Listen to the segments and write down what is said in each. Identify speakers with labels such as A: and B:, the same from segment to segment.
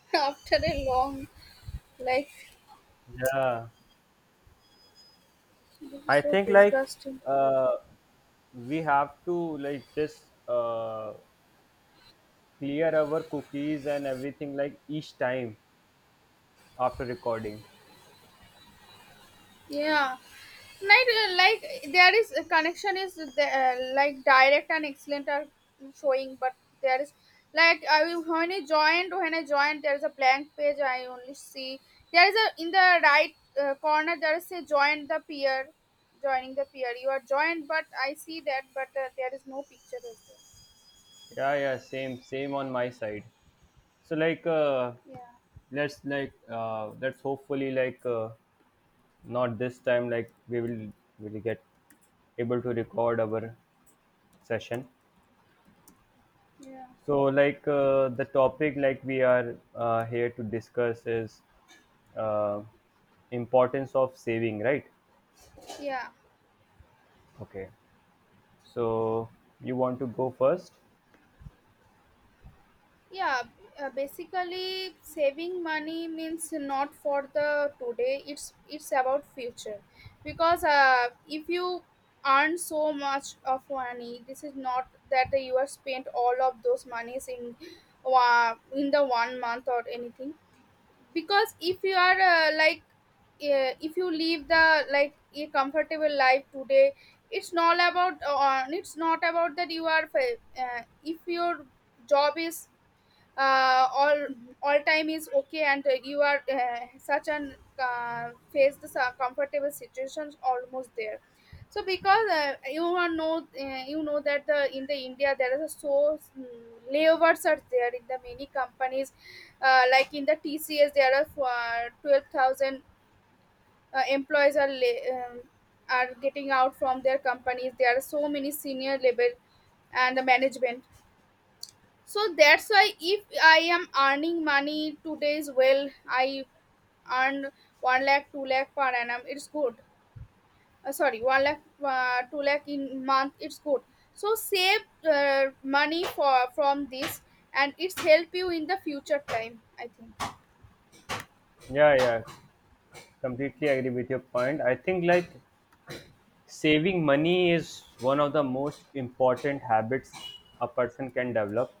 A: After a long life,
B: Yeah,
A: this is
B: I
A: so
B: think like
A: disgusting.
B: uh, we have to like just clear our cookies and everything like each time after recording.
A: Yeah. Like there is a connection is like direct and excellent are showing, but there is like I will when I joined there is a blank page. I only see there is a in the right corner there is a join the peer, joining the peer. You are joined, but I see that, but there is no picture. As
B: Yeah, yeah, same on my side. So like
A: well.
B: let's like let's hopefully like not this time like we will get able to record our session.
A: Yeah, yeah,
B: So, like the topic, like we are here to discuss is uh, importance of saving, right?
A: yeah.
B: Okay. So you want to go first?
A: yeah basically saving money means not for the today it's about future because if you earn so much of money this is not that you are spent all of those monies in the one month or anything because if you are like if you live the like a comfortable life today it's not about that if your job is uh, all all time is okay and you are such an faced comfortable situations almost there so because you are know you know that the in the india there is a so layovers are there in the many companies like in the tcs there are 12,000 employees are are getting out from their companies there are so many senior level and the management so that's why if I am earning money today's well I earned 1 lakh 2 lakh per annum it's good sorry 1 lakh 2 lakh in month it's good so save money for from this and it's help you in the future time I think.
B: Yeah, yeah. Completely agree with your point. I think like saving money is one of the most important habits a person can develop,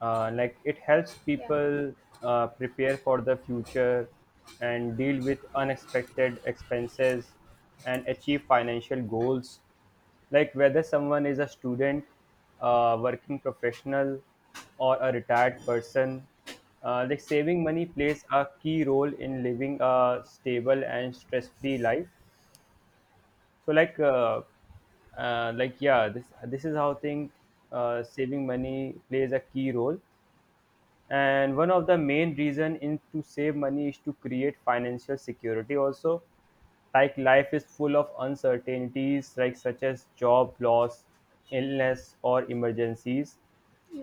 B: like it helps
A: yeah
B: people prepare for the future and deal with unexpected expenses and achieve financial goals, like whether someone is a student, a working professional, or a retired person. Like saving money plays a key role in living a stable and stress-free life. So like yeah, this is how thing, saving money plays a key role. And one of the main reason in to save money is to create financial security also. Like life is full of uncertainties, like such as job loss, illness, or emergencies.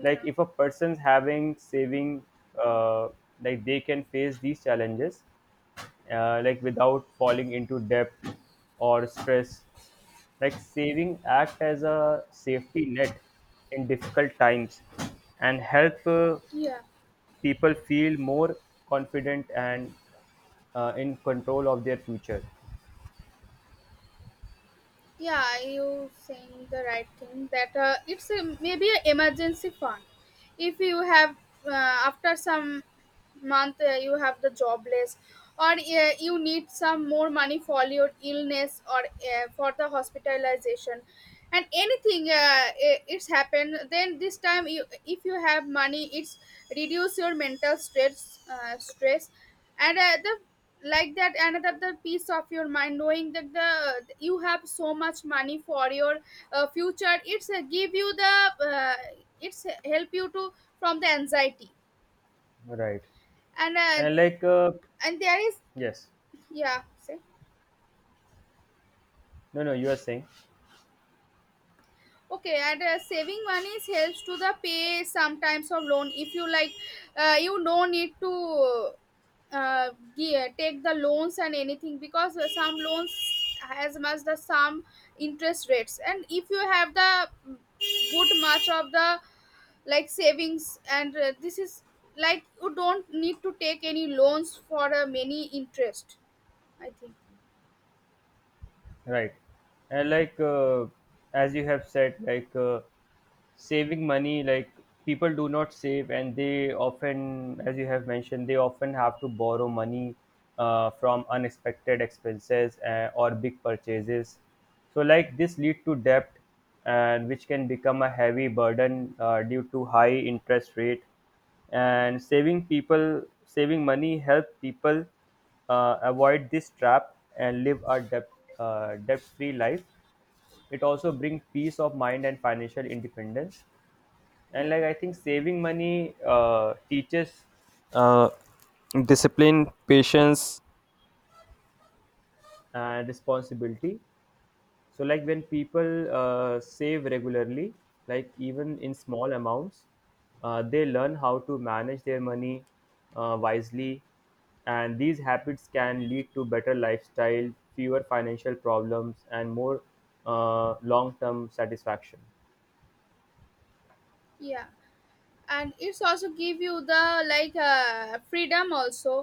B: Like if a person's having saving, uh, like they can face these challenges like without falling into debt or stress. Like saving act as a safety net in difficult times and help
A: yeah
B: people feel more confident and in control of their future.
A: yeah you saying the right thing that it's a, maybe an emergency fund if you have uh, after some month you have the jobless or you need some more money for your illness or for the hospitalization and anything it's happened then this time you, if you have money it's reduce your mental stress and the like that another piece of your mind knowing that the you have so much money for your future it's give you the uh, it's help you to from the anxiety.
B: Right.
A: And
B: And like,
A: and there is
B: yes,
A: yeah say.
B: no, no, you are saying.
A: Okay, and saving money helps to the pay sometimes of loan. If you like, you no need to uh, take the loans and anything because some loans has much the some interest rates, and if you have the good much of the like savings, and this is like you don't need to take any loans for many interest. I think.
B: Right. And like as you have said, like saving money, like people do not save, and they often, as you have mentioned, they often have to borrow money from unexpected expenses or big purchases. So, like this lead to debt, and which can become a heavy burden due to high interest rate. And saving money help people avoid this trap and live a debt, debt free life. It also brings peace of mind and financial independence.
A: Yeah.
B: And like I think saving money teaches uh, discipline, patience, and responsibility. So, like when people save regularly, like even in small amounts, they learn how to manage their money wisely. And these habits can lead to better lifestyle, fewer financial problems, and more long term satisfaction.
A: Yeah, and it's also give you the freedom also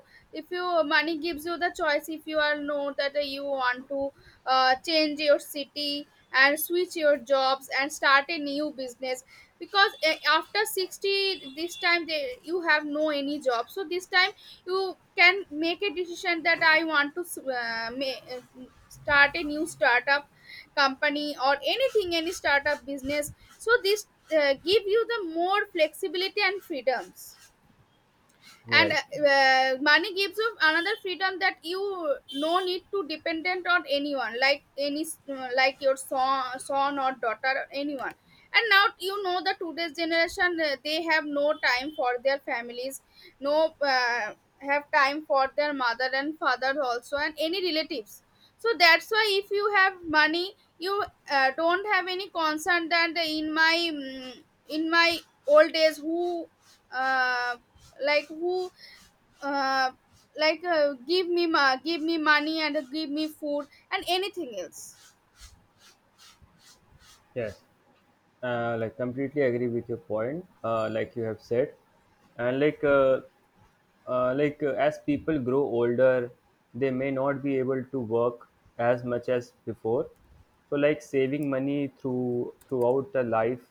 A: if you money gives you the choice if you are know that you want to change your city and switch your jobs and start a new business because after 60 this time they, you have no any job so this time you can make a decision that I want to start a new startup company or anything any startup business so this give you the more flexibility and freedoms. And
B: Right.
A: money gives you another freedom that you no need to dependent on anyone like any like your son or daughter or anyone and now you know the today's generation they have no time for their families no have time for their mother and father also and any relatives so that's why if you have money you don't have any concern that in my in my old days who uh, like who uh, give me give me money and give me food and anything else.
B: Yes. Like completely agree with your point. Like you have said, and like as people grow older, they may not be able to work as much as before. So like saving money through throughout the life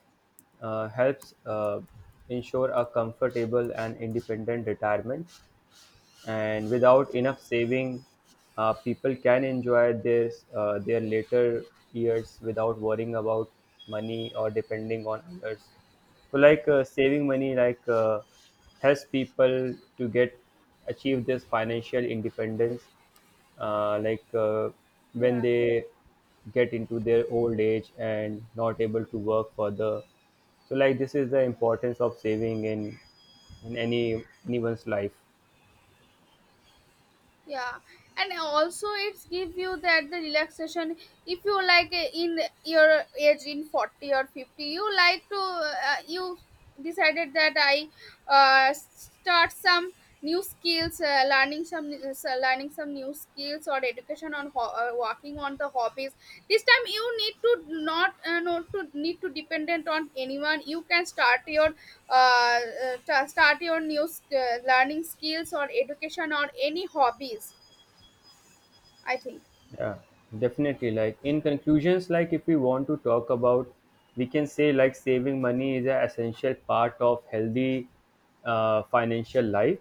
B: helps ensure a comfortable and independent retirement. And
A: Yeah.
B: without enough saving, people can enjoy their later years without worrying about money or depending on others. So like saving money, like helps people to get achieve this financial independence, like when
A: Yeah,
B: they get into their old age and not able to work further. So like this is the importance of saving in any anyone's life.
A: yeah, and also it's give you that the relaxation if you like in your age in 40 or 50 you like to you decided that I start some new skills learning some so learning some new skills or education on working on the hobbies this time you need to not not to need to dependent on anyone you can start your start your new learning skills or education or any hobbies I think.
B: Yeah, definitely. Like in conclusions, like if we want to talk about, we can say like saving money is an essential part of healthy financial life.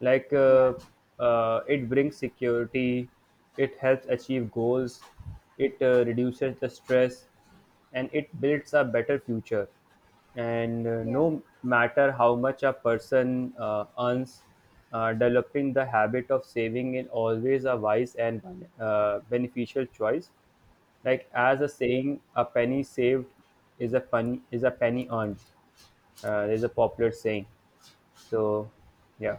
B: Like
A: Yeah,
B: it brings security, it helps achieve goals, it reduces the stress, and it builds a better future. And
A: yeah.
B: no matter how much a person earns, developing the habit of saving is always a wise and beneficial choice. Like as a saying, a penny saved is a penny earned, there's a popular saying. So yeah.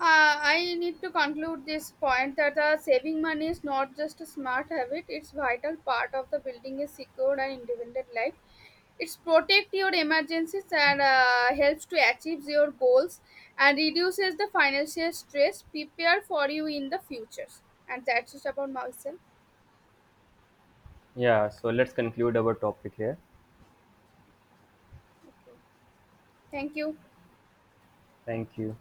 A: I need to conclude this point that saving money is not just a smart habit; it's vital part of the building a secured and independent life. It's protect your emergencies and helps to achieve your goals and reduces the financial stress. Prepare for you in the futures, and that's just about myself.
B: Yeah, so let's conclude our topic here.
A: Thank you.
B: Thank you.